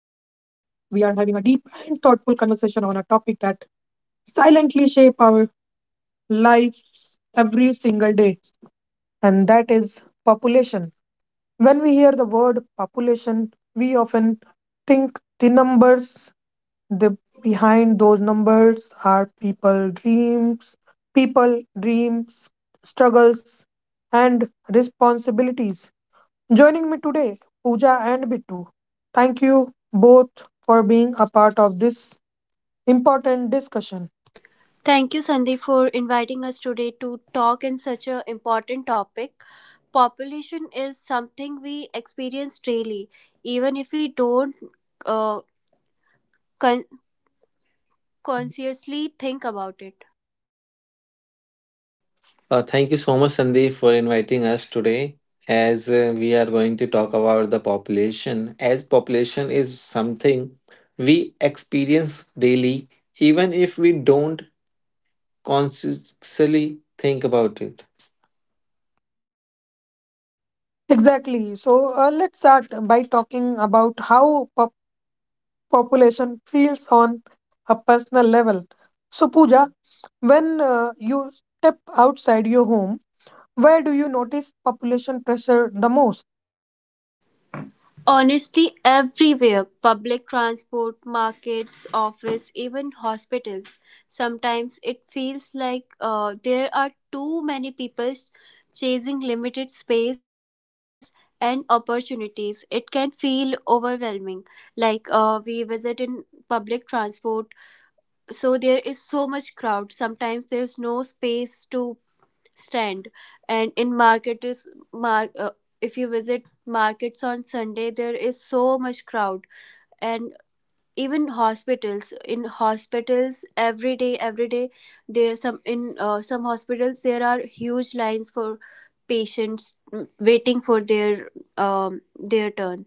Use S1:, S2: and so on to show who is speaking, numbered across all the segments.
S1: we are having a deep and thoughtful conversation on a topic that silently shape our life every single day, and that is population. When we hear the word population, we often think the numbers. The Behind those numbers are people dreams, struggles and responsibilities. Joining me today, Pooja and Bittu. Thank you both for being a part of this important discussion.
S2: Thank you, Sandeep, for inviting us today to talk in such an important topic. Population is something we experience daily, even if we don't uh, con- consciously think about it.
S3: Thank you so much, Sandeep, for inviting us today. As We are going to talk about the population, as population is something we experience daily, even if we don't consciously think about it.
S1: Exactly. So let's start by talking about how population feels on a personal level. So Pooja, when you step outside your home, where do you notice population pressure the most?
S2: Honestly, everywhere public transport, markets, office, even hospitals. Sometimes it feels like there are too many people chasing limited space and opportunities. It can feel overwhelming. Like we visit in public transport, so there is so much crowd. Sometimes there's no space to stand, and in market is mar- uh, if you visit markets on sunday, there is so much crowd. And even hospitals, in hospitals every day, there some in some hospitals there are huge lines for patients waiting for their turn.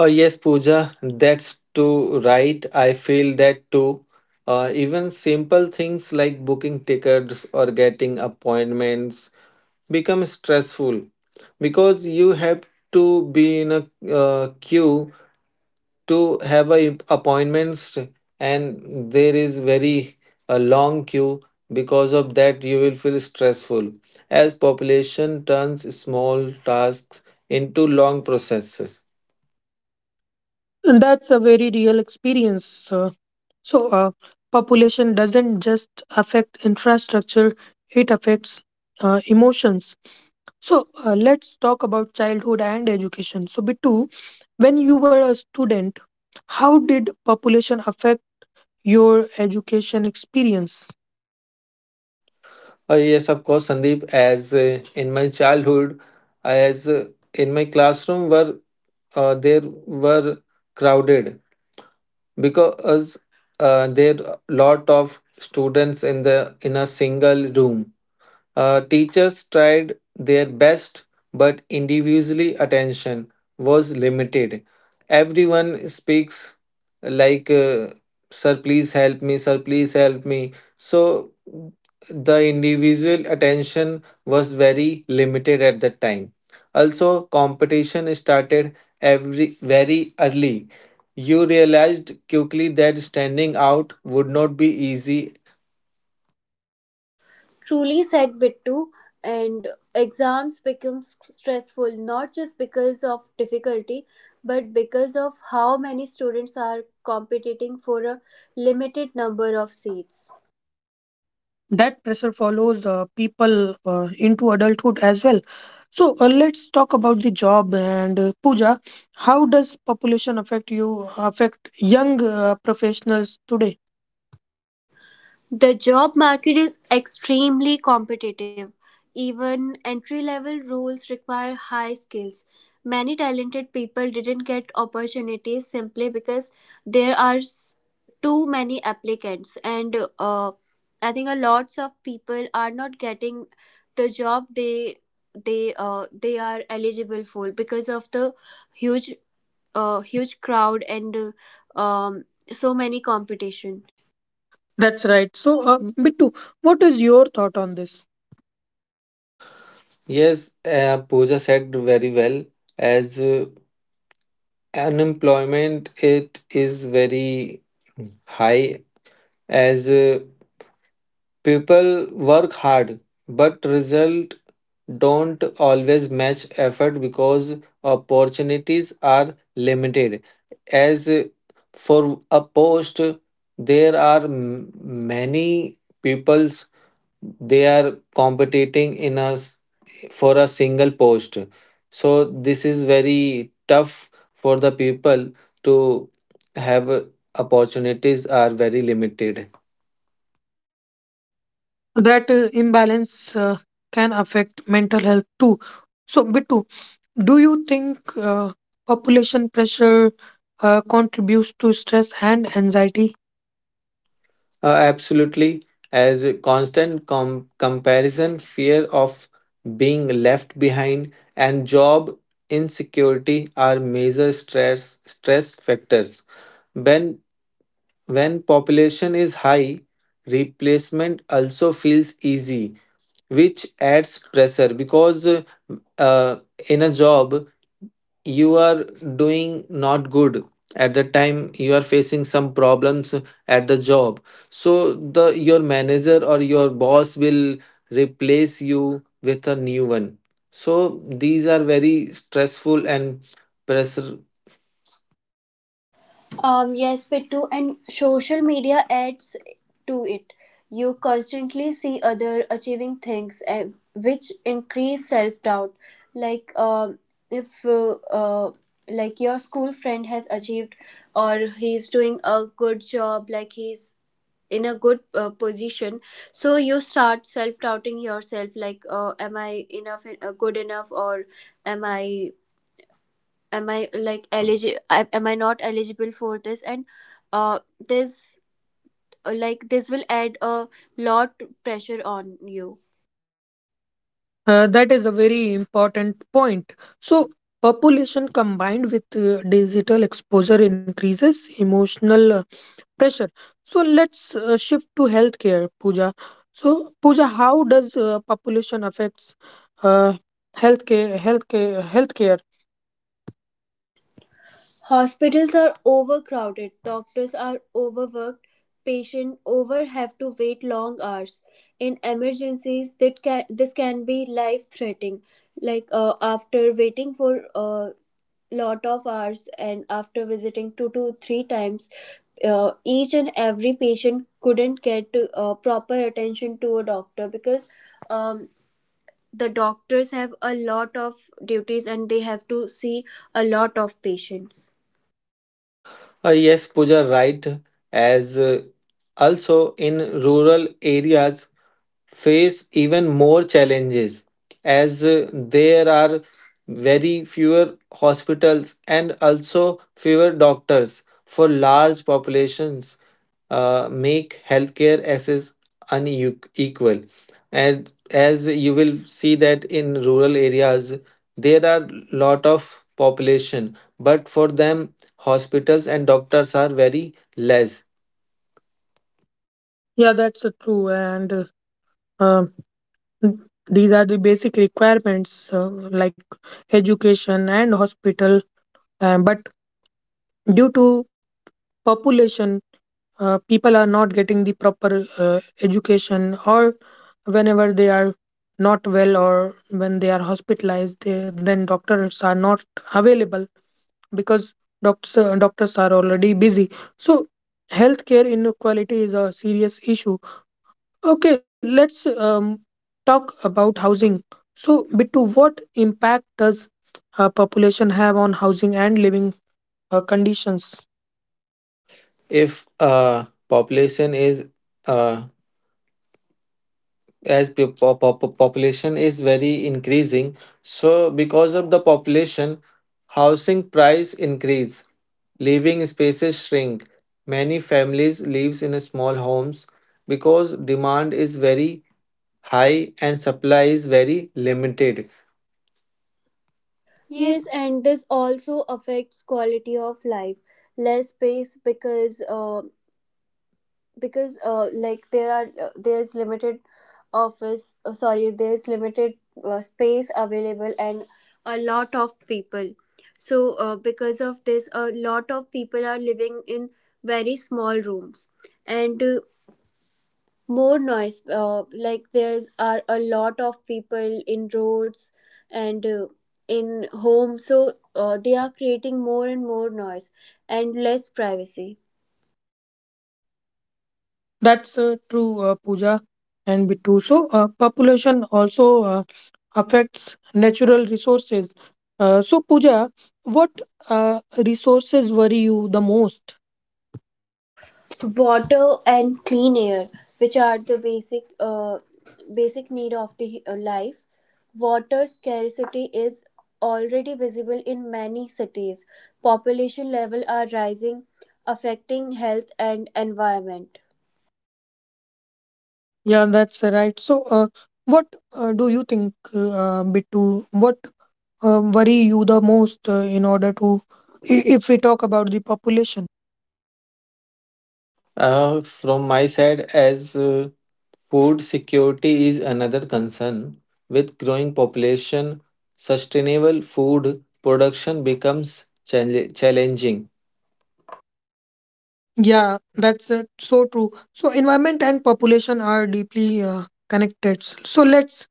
S3: Oh, yes, Pooja, that's too right. I feel that too. Even simple things like booking tickets or getting appointments become stressful because you have to be in a queue to have a appointments, and there is very a long queue. Because of that you will feel stressful, as population turns small tasks into long processes.
S1: That's a very real experience. So, uh, Population doesn't just affect infrastructure, it affects emotions. So, let's talk about childhood and education. So, Bittu, when you were a student, how did population affect your education experience?
S3: Yes, of course, Sandeep. As In my childhood, as in my classroom uh, there were crowded, because there lot of students in the in a single room. Teachers tried their best, but individually attention was limited. Everyone speaks like, Sir, please help me, Sir, please help me. So, the individual attention was very limited at that time. Also, competition started every very early. You realized quickly that standing out would not be easy.
S2: Truly said, Bittu, and exams become stressful not just because of difficulty but because of how many students are competing for a limited number of seats.
S1: That pressure follows people into adulthood as well. So let's talk about the job, and Pooja, how does population affect young professionals today?
S2: The job market is extremely competitive. Even entry level roles require high skills. Many talented people didn't get opportunities simply because there are too many applicants, and I think a lots of people are not getting the job they they are eligible for because of the huge huge crowd and so many competition.
S1: That's right. So Bittu, what is your thought on this?
S3: Yes, Pooja said very well. As Unemployment, it is very high. As People work hard, but result don't always match effort because opportunities are limited. As For a post, there are many people, they are competing in us for a single post. So this is very tough for the people to have opportunities are very limited.
S1: That imbalance can affect mental health too. So Bittu, do you think population pressure contributes to stress and anxiety?
S3: Absolutely, as a constant comparison, fear of being left behind, and job insecurity are major stress factors. When when population is high, replacement also feels easy, which adds pressure. Because uh, in a job, you are doing not good. At the time you are facing some problems at the job, so the your manager or your boss will replace you with a new one. So these are very stressful and pressure.
S2: Yes, Pittu, and social media adds to it. You constantly see other achieving things, and which increase self doubt. Like, if uh, like your school friend has achieved, or he's doing a good job, like he's in a good position, so you start self doubting yourself. Like, am I enough? Good enough, or am I am I like eligible, am I not eligible for this? And uh this like this will add a lot pressure on you.
S1: That is a very important point. So, population combined with digital exposure increases emotional pressure. So, let's shift to healthcare, Pooja. So, Pooja, how does population affects uh, healthcare?
S2: Hospitals are overcrowded, doctors are overworked, patients over have to wait long hours. In emergencies, this can be life threatening. Like after waiting for lot of hours and after visiting two to three times, each and every patient couldn't get proper attention to a doctor because um, the doctors have a lot of duties and they have to see a lot of patients.
S3: Yes, Pooja, right. as Also in rural areas face even more challenges, as there are very fewer hospitals, and also fewer doctors for large populations make healthcare access unequal. And as you will see that in rural areas there are lot of population, but for them hospitals and doctors are very less.
S1: Yeah, that's true. And um, these are the basic requirements, like education and hospital. But due to population, people are not getting the proper education, or whenever they are not well, or when they are hospitalized, they, then doctors are not available because doctors are already busy. So healthcare inequality is a serious issue. Okay, let's talk about housing. So Bittu, what impact does population have on housing and living conditions?
S3: If population is uh, as the population is very increasing, so because of the population, housing price increase, living spaces shrink, many families lives in small homes because demand is very high and supply is very limited. Yes.
S2: Yes, and this also affects quality of life. Less space, because like there are there's limited office sorry there's limited space available and a lot of people. So because of this a lot of people are living in very small rooms, and more noise. Like there's are a lot of people in roads and in homes, so they are creating more and more noise and less privacy.
S1: That's true, Pooja and Bittu. So, population also affects natural resources. So, Pooja, what resources worry you the most?
S2: Water and clean air, which are the basic basic need of the life. Water scarcity is already visible in many cities. Population level are rising, affecting health and environment.
S1: Yeah, that's right. So, what do you think, Bittu? What worry you the most, in order to, if we talk about the population?
S3: From my side, as food security is another concern. With growing population, sustainable food production becomes challenging.
S1: Yeah, that's so true. So, environment and population are deeply connected. So, let's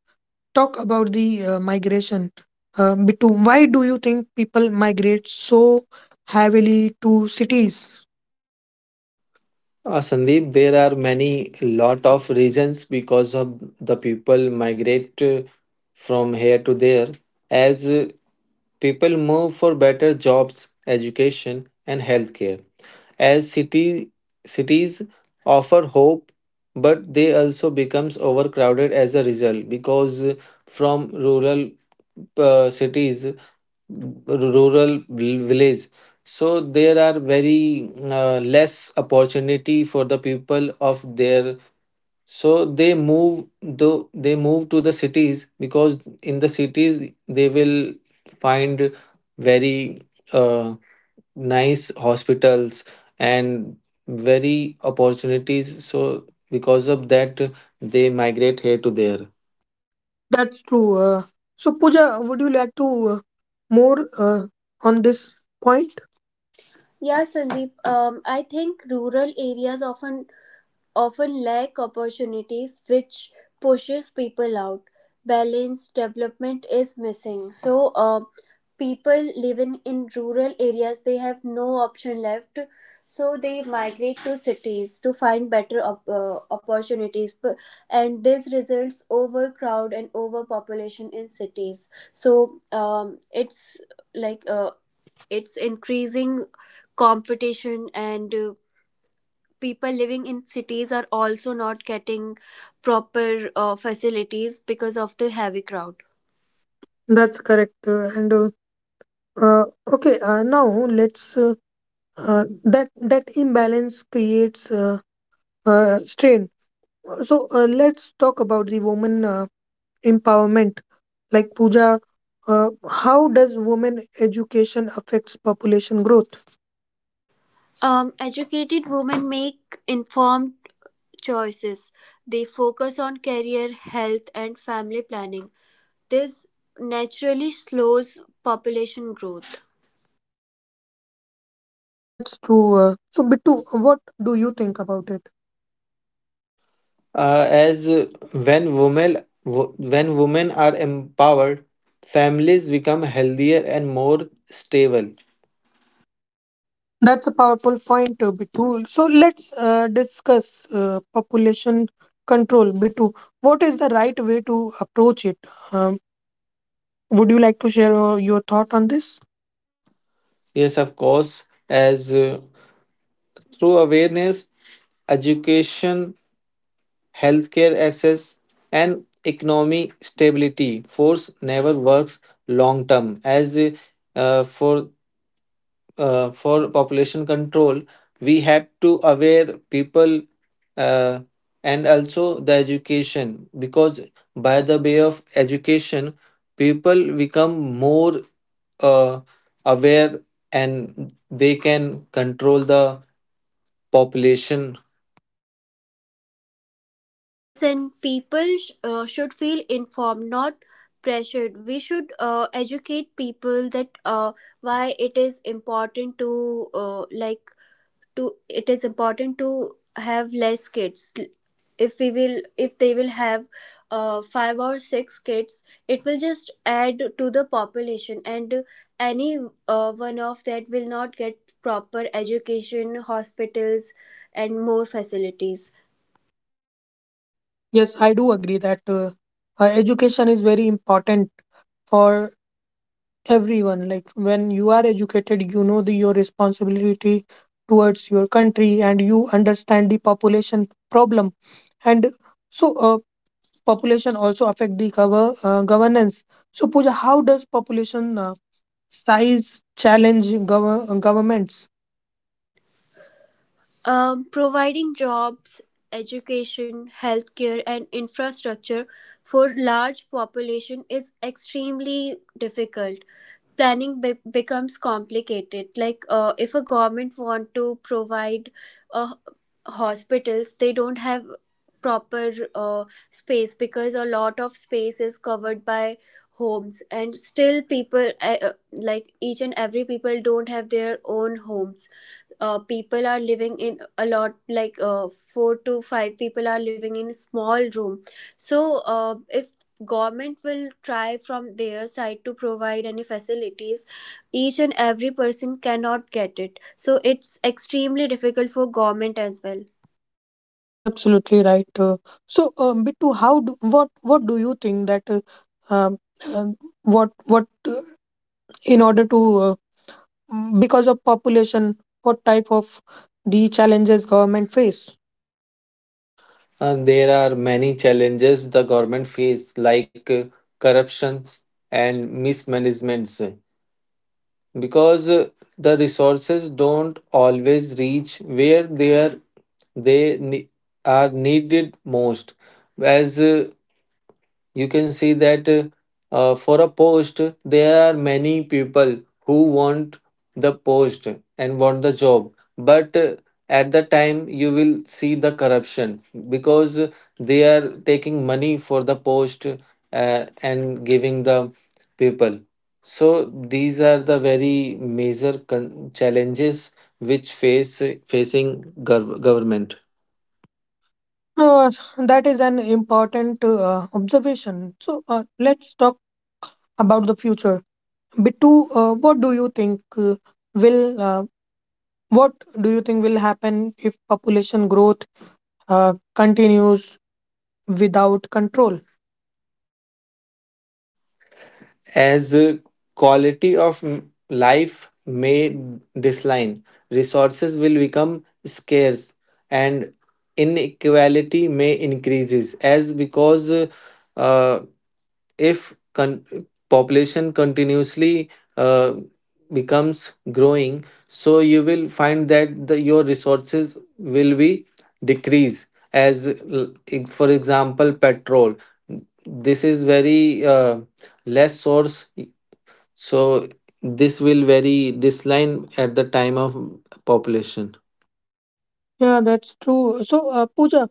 S1: talk about the migration. Bittu, why do you think people migrate so heavily to cities?
S3: Sandeep, there are many lot of reasons because of the people migrate from here to there. As People move for better jobs, education, and healthcare. As city cities offer hope, but they also becomes overcrowded as a result. Because uh, from rural uh, cities rural vil- village, so there are very less opportunity for the people of there, so they move to the cities. Because in the cities they will find very uh, nice hospitals and very opportunities, so because of that they migrate here to there.
S1: That's true. So, Pooja, would you like to uh, more on this point?
S2: Yeah, Sandeep, I think rural areas often lack opportunities which pushes people out. Balanced development is missing, so people living in rural areas they have no option left, so they migrate to cities to find better opportunities. And this results overcrowd and overpopulation in cities. So it's like it's increasing competition, and people living in cities are also not getting proper facilities because of the heavy crowd.
S1: That's correct. Uh, okay, Now let's, that imbalance creates strain. So let's talk about the woman empowerment. Like Pooja, how does women education affects population growth?
S2: Educated women make informed choices. They focus on career, health, and family planning. This naturally slows population growth.
S1: That's true. So Bittu, what do you think about it?
S3: As When women are empowered, families become healthier and more stable.
S1: That's a powerful point, Bittu. So let's discuss population control, Bittu. What is the right way to approach it? Um, would you like to share your thought on this?
S3: Yes, of course. As Through awareness, education, healthcare access, and economy stability, force never works long term. As for For population control, we have to aware people, uh, and also the education. Because by the way of education, people become more uh, aware, and they can control the population.
S2: Yes, and people should feel informed, not pressured. We should educate people that why it is important to to it is important to have less kids. If we will, if they will have five or six kids, it will just add to the population, and any one of that will not get proper education, hospitals and more facilities.
S1: Yes, I do agree that education is very important for everyone. Like when you are educated, you know the, your responsibility towards your country, and you understand the population problem. And so population also affect the governance. So Pooja, how does population size challenge governments?
S2: Providing jobs, education, healthcare, and infrastructure for large population is extremely difficult. Planning becomes complicated. Like if a government want to provide uh, hospitals, they don't have proper space because a lot of space is covered by homes, and still people like each and every people don't have their own homes. Uh, people are living in a lot, like four to five people are living in a small room. So if government will try from their side to provide any facilities, each and every person cannot get it, so it's extremely difficult for government as well.
S1: Absolutely right. So Bittu, how do, what do you think that um, um, what in order to, because of population, what type of the challenges government face?
S3: And there are many challenges the government face, like corruptions and mismanagements. Because the resources don't always reach where they are, they ne- are needed most. As You can see that for a post there are many people who want the post and want the job. But at the time you will see the corruption, because they are taking money for the post and giving the people. So these are the very major challenges which face facing government.
S1: uh, that is an important observation. So let's talk about the future. Bittu, will uh, what do you think will happen if population growth continues without control?
S3: As Quality of life may decline, resources will become scarce, and inequality may increases. As because uh, if con- population continuously uh, becomes growing, so you will find that the, your resources will be decrease. as l- for example, petrol, this is very less source, so this will vary this line at the time of population.
S1: Yeah, that's true. So Pooja,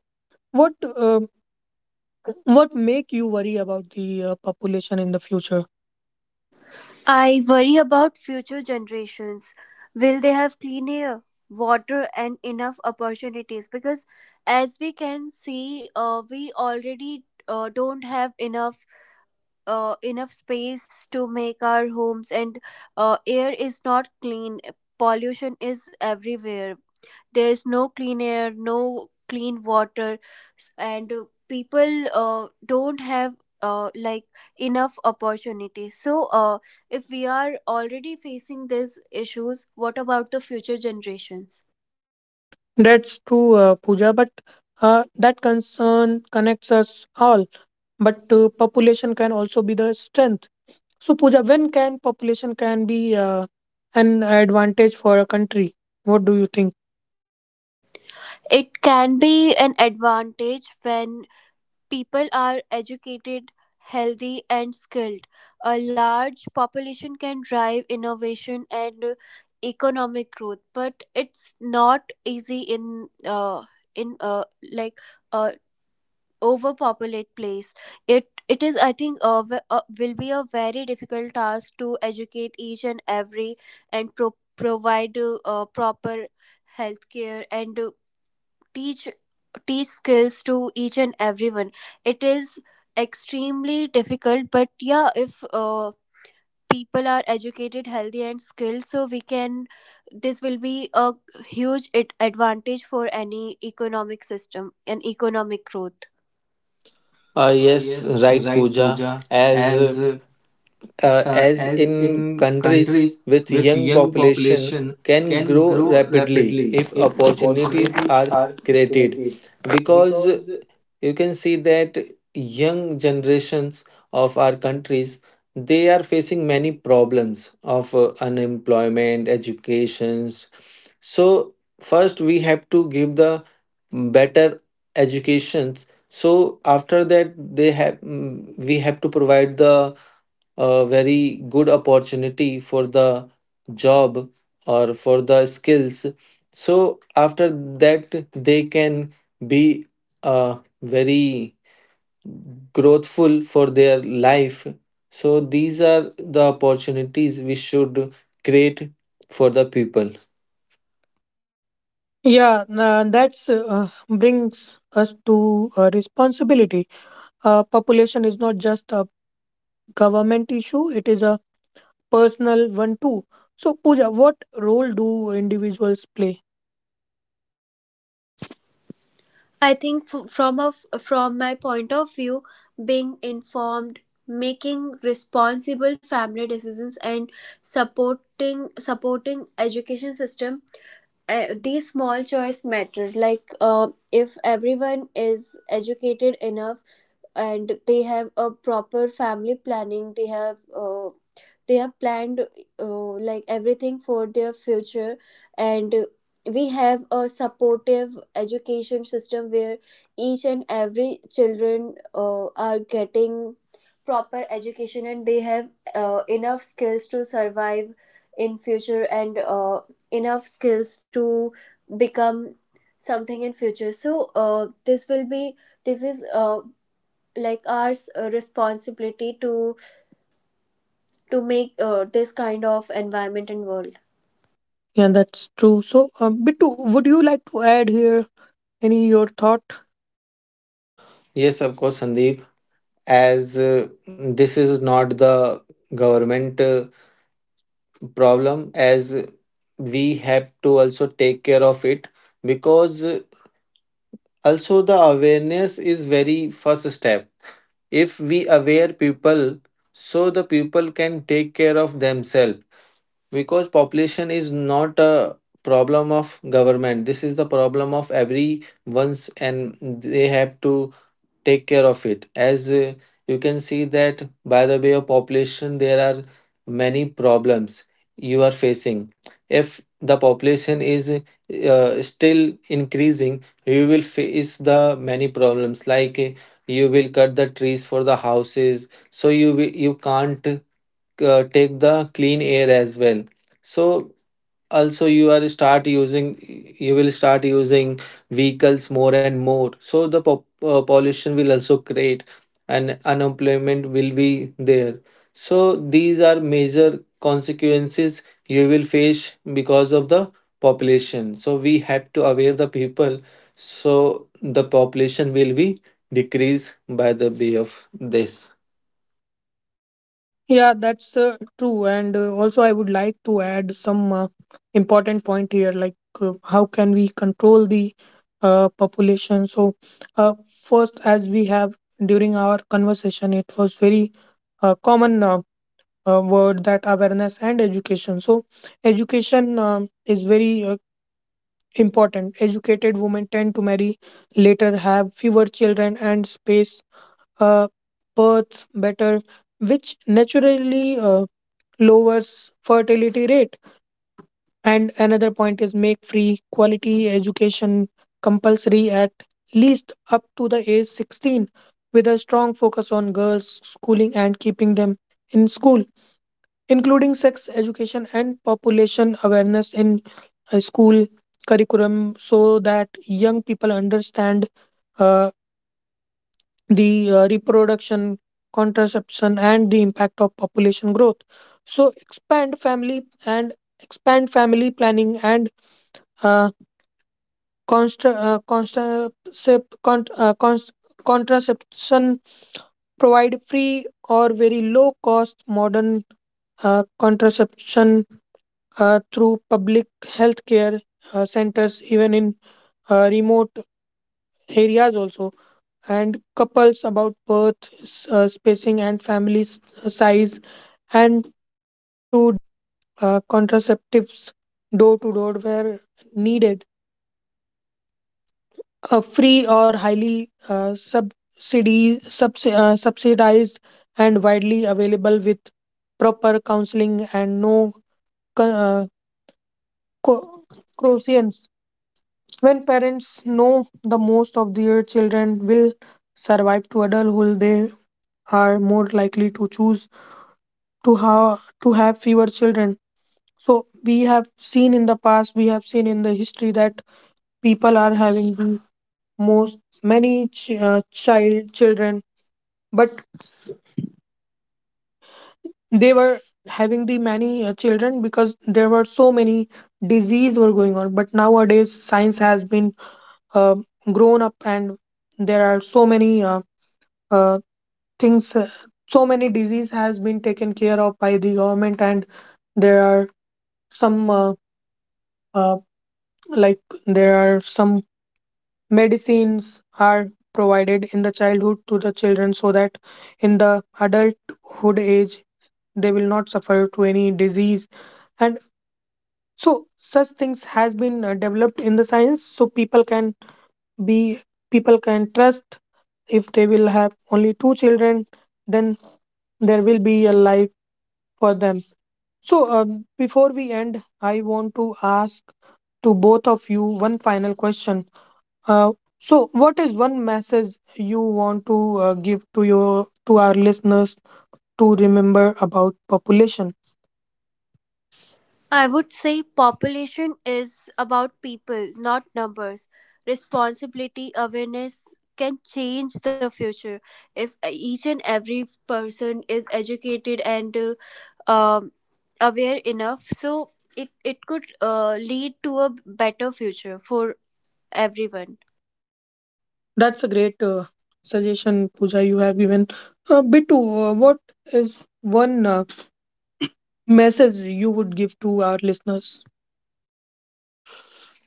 S1: what uh, what make you worry about the population in the future?
S2: I worry about future generations. Will they have clean air, water and enough opportunities? Because as we can see, we already don't have enough enough space to make our homes, and air is not clean. Pollution is everywhere. There is no clean air, no clean water. And people don't have like enough opportunities. So if we are already facing these issues, what about the future generations?
S1: That's true, Pooja, but that concern connects us all. But population can also be the strength. So, Pooja, when can population can be an advantage for a country? What do you think?
S2: It can be an advantage when people are educated, healthy, and skilled. A large population can drive innovation and economic growth. But it's not easy in in uh, like uh, overpopulate place. It is, I think, will be a very difficult task to educate each and every and provide proper healthcare and teach skills to each and everyone. It is extremely difficult, but yeah, if people are educated, healthy and skilled, so we can, this will be a huge advantage for any economic system and economic growth.
S3: Yes,
S2: Yes,
S3: right,
S2: right, Pooja.
S3: Pooja. As
S2: As
S3: uh,
S2: uh,
S3: uh, as
S2: as in
S3: in countries
S2: countries
S3: with
S2: with
S3: young
S2: young
S3: population
S2: population
S3: can
S2: can
S3: grow
S2: grow
S3: rapidly
S2: rapidly
S3: if
S2: if
S3: opportunities
S2: opportunities
S3: are
S2: are
S3: created,
S2: created,
S3: because
S2: because
S3: you can see that young generations of our countries, they are facing many problems of unemployment, educations. So first we have to give the better educations. So after that they have, we have to provide the a very good opportunity for the job or for the skills. So after that they can be very growthful for their life. So these are the opportunities we should create for the people.
S1: Yeah, that's brings us to responsibility. Population is not just a government issue; it is a personal one too. So, Pooja, what role do individuals play?
S2: I think from from my point of view, being informed, making responsible family decisions, and supporting education system, these small choice matter. Like if everyone is educated enough and they have a proper family planning, they have planned like everything for their future, and we have a supportive education system where each and every children are getting proper education, and they have enough skills to survive in future, and enough skills to become something in future. So this will be, this is like our responsibility to make this kind of environment and world.
S1: Yeah, that's true. So, Bittu, would you like to add here any your thought?
S3: Yes, of course, Sandeep. As This is not the government problem, as we have to also take care of it. Because also the awareness is very first step. If we aware people, so the people can take care of themselves. Because population is not a problem of government, this is the problem of everyone's, and they have to take care of it. As You can see that by the way of population there are many problems you are facing. If the population is still increasing, you will face the many problems, like you will cut the trees for the houses, so you can't take the clean air as well. So also you will start using vehicles more and more, so the pollution will also create, and unemployment will be there. So these are major consequences you will face because of the population. So we have to aware the people, so the population will be decreased by the way of this.
S1: Yeah, that's true. And also, I would like to add some important point here, like how can we control the population? So, uh, first, as we have during our conversation, it was very common word that awareness and education. So, education is very important. Educated women tend to marry later, have fewer children, and space uh, births better, which naturally lowers fertility rate. And another point is make free quality education compulsory at least up to the age 16, with a strong focus on girls' schooling and keeping them in school, including sex education and population awareness in school curriculum, so that young people understand uh, the reproduction, contraception, and the impact of population growth. So expand family planning and uh, constra- uh, contracept- con- uh, cons- contraception, provide free or very low cost modern contraception through public health care centers, even in remote areas also, and couples about birth, spacing, and family size, and to deliver contraceptives door to door where needed. A free or highly subsidized and widely available with proper counseling and no co- uh, co- croissants. When parents know the most of their children will survive to adulthood, they are more likely to choose to how to have fewer children. So we have seen in the past, we have seen in the history that people are having the most many children, but they were having the many children because there were so many disease were going on. But nowadays science has been uh, grown up, and there are so many uh, things so many disease has been taken care of by the government, and there are some uh, like there are some medicines are provided in the childhood to the children, so that in the adulthood age they will not suffer to any disease. And so such things has been developed in the science, so people can be, people can trust if they will have only two children, then there will be a life for them. So before we end, I want to ask to both of you one final question. Uh, so, what is one message you want to give to your, to our listeners to remember about population?
S2: I would say population is about people, not numbers. Responsibility, awareness can change the future. If each and every person is educated and um, aware enough, so it could lead to a better future for everyone.
S1: That's a great suggestion, Pooja, you have given. Bittu, what is one message you would give to our listeners?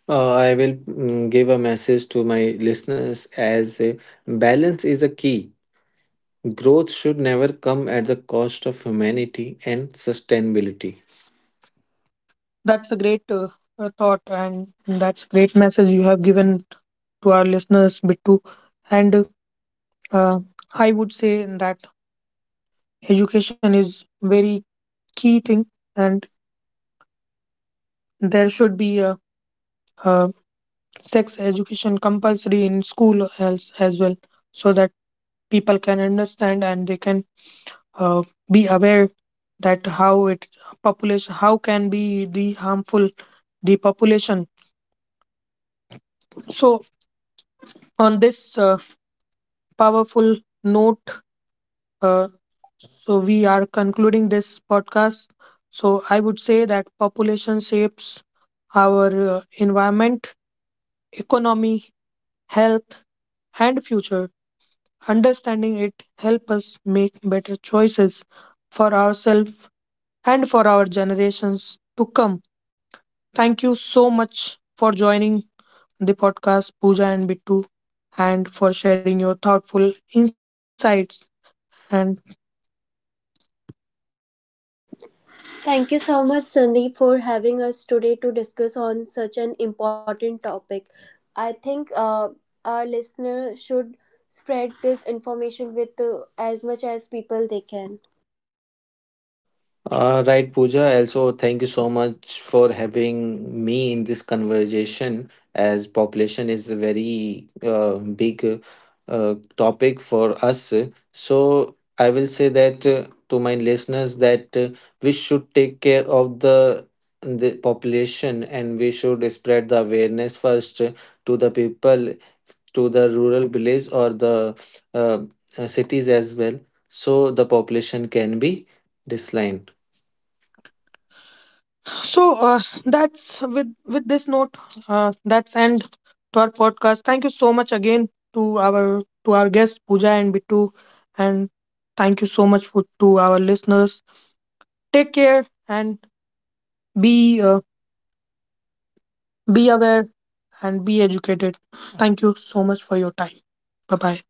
S3: I will give a message to my listeners, as balance is a key. Growth should never come at the cost of humanity and sustainability.
S1: That's a great thought, and that's a great message you have given to our listeners, Bittu. And uh, I would say that education is very key thing, and there should be a uh, sex education compulsory in school as well, so that people can understand and they can uh, be aware that how it population how can be the harmful the population. So on this powerful note, uh, so we are concluding this podcast. So I would say that population shapes our environment, economy, health and future. Understanding it helps us make better choices for ourselves and for our generations to come. Thank you so much for joining the podcast, Pooja and Bittu, and for sharing your thoughtful insights. And
S2: Thank you so much, Sandeep, for having us today to discuss on such an important topic. I think our listener should spread this information with as much as people they can.
S3: Right, Pooja. Also, thank you so much for having me in this conversation. As population is a very big topic for us, so I will say that to my listeners that we should take care of the population, and we should spread the awareness first to the people, to the rural village or the uh, cities as well, so the population can be declined.
S1: so that's with this note, that's end to our podcast. Thank you so much again to our, to our guests, Pooja and Bittu, and thank you so much for to our listeners. Take care and be. Uh, be aware and be educated. Thank you so much for your time. Bye bye.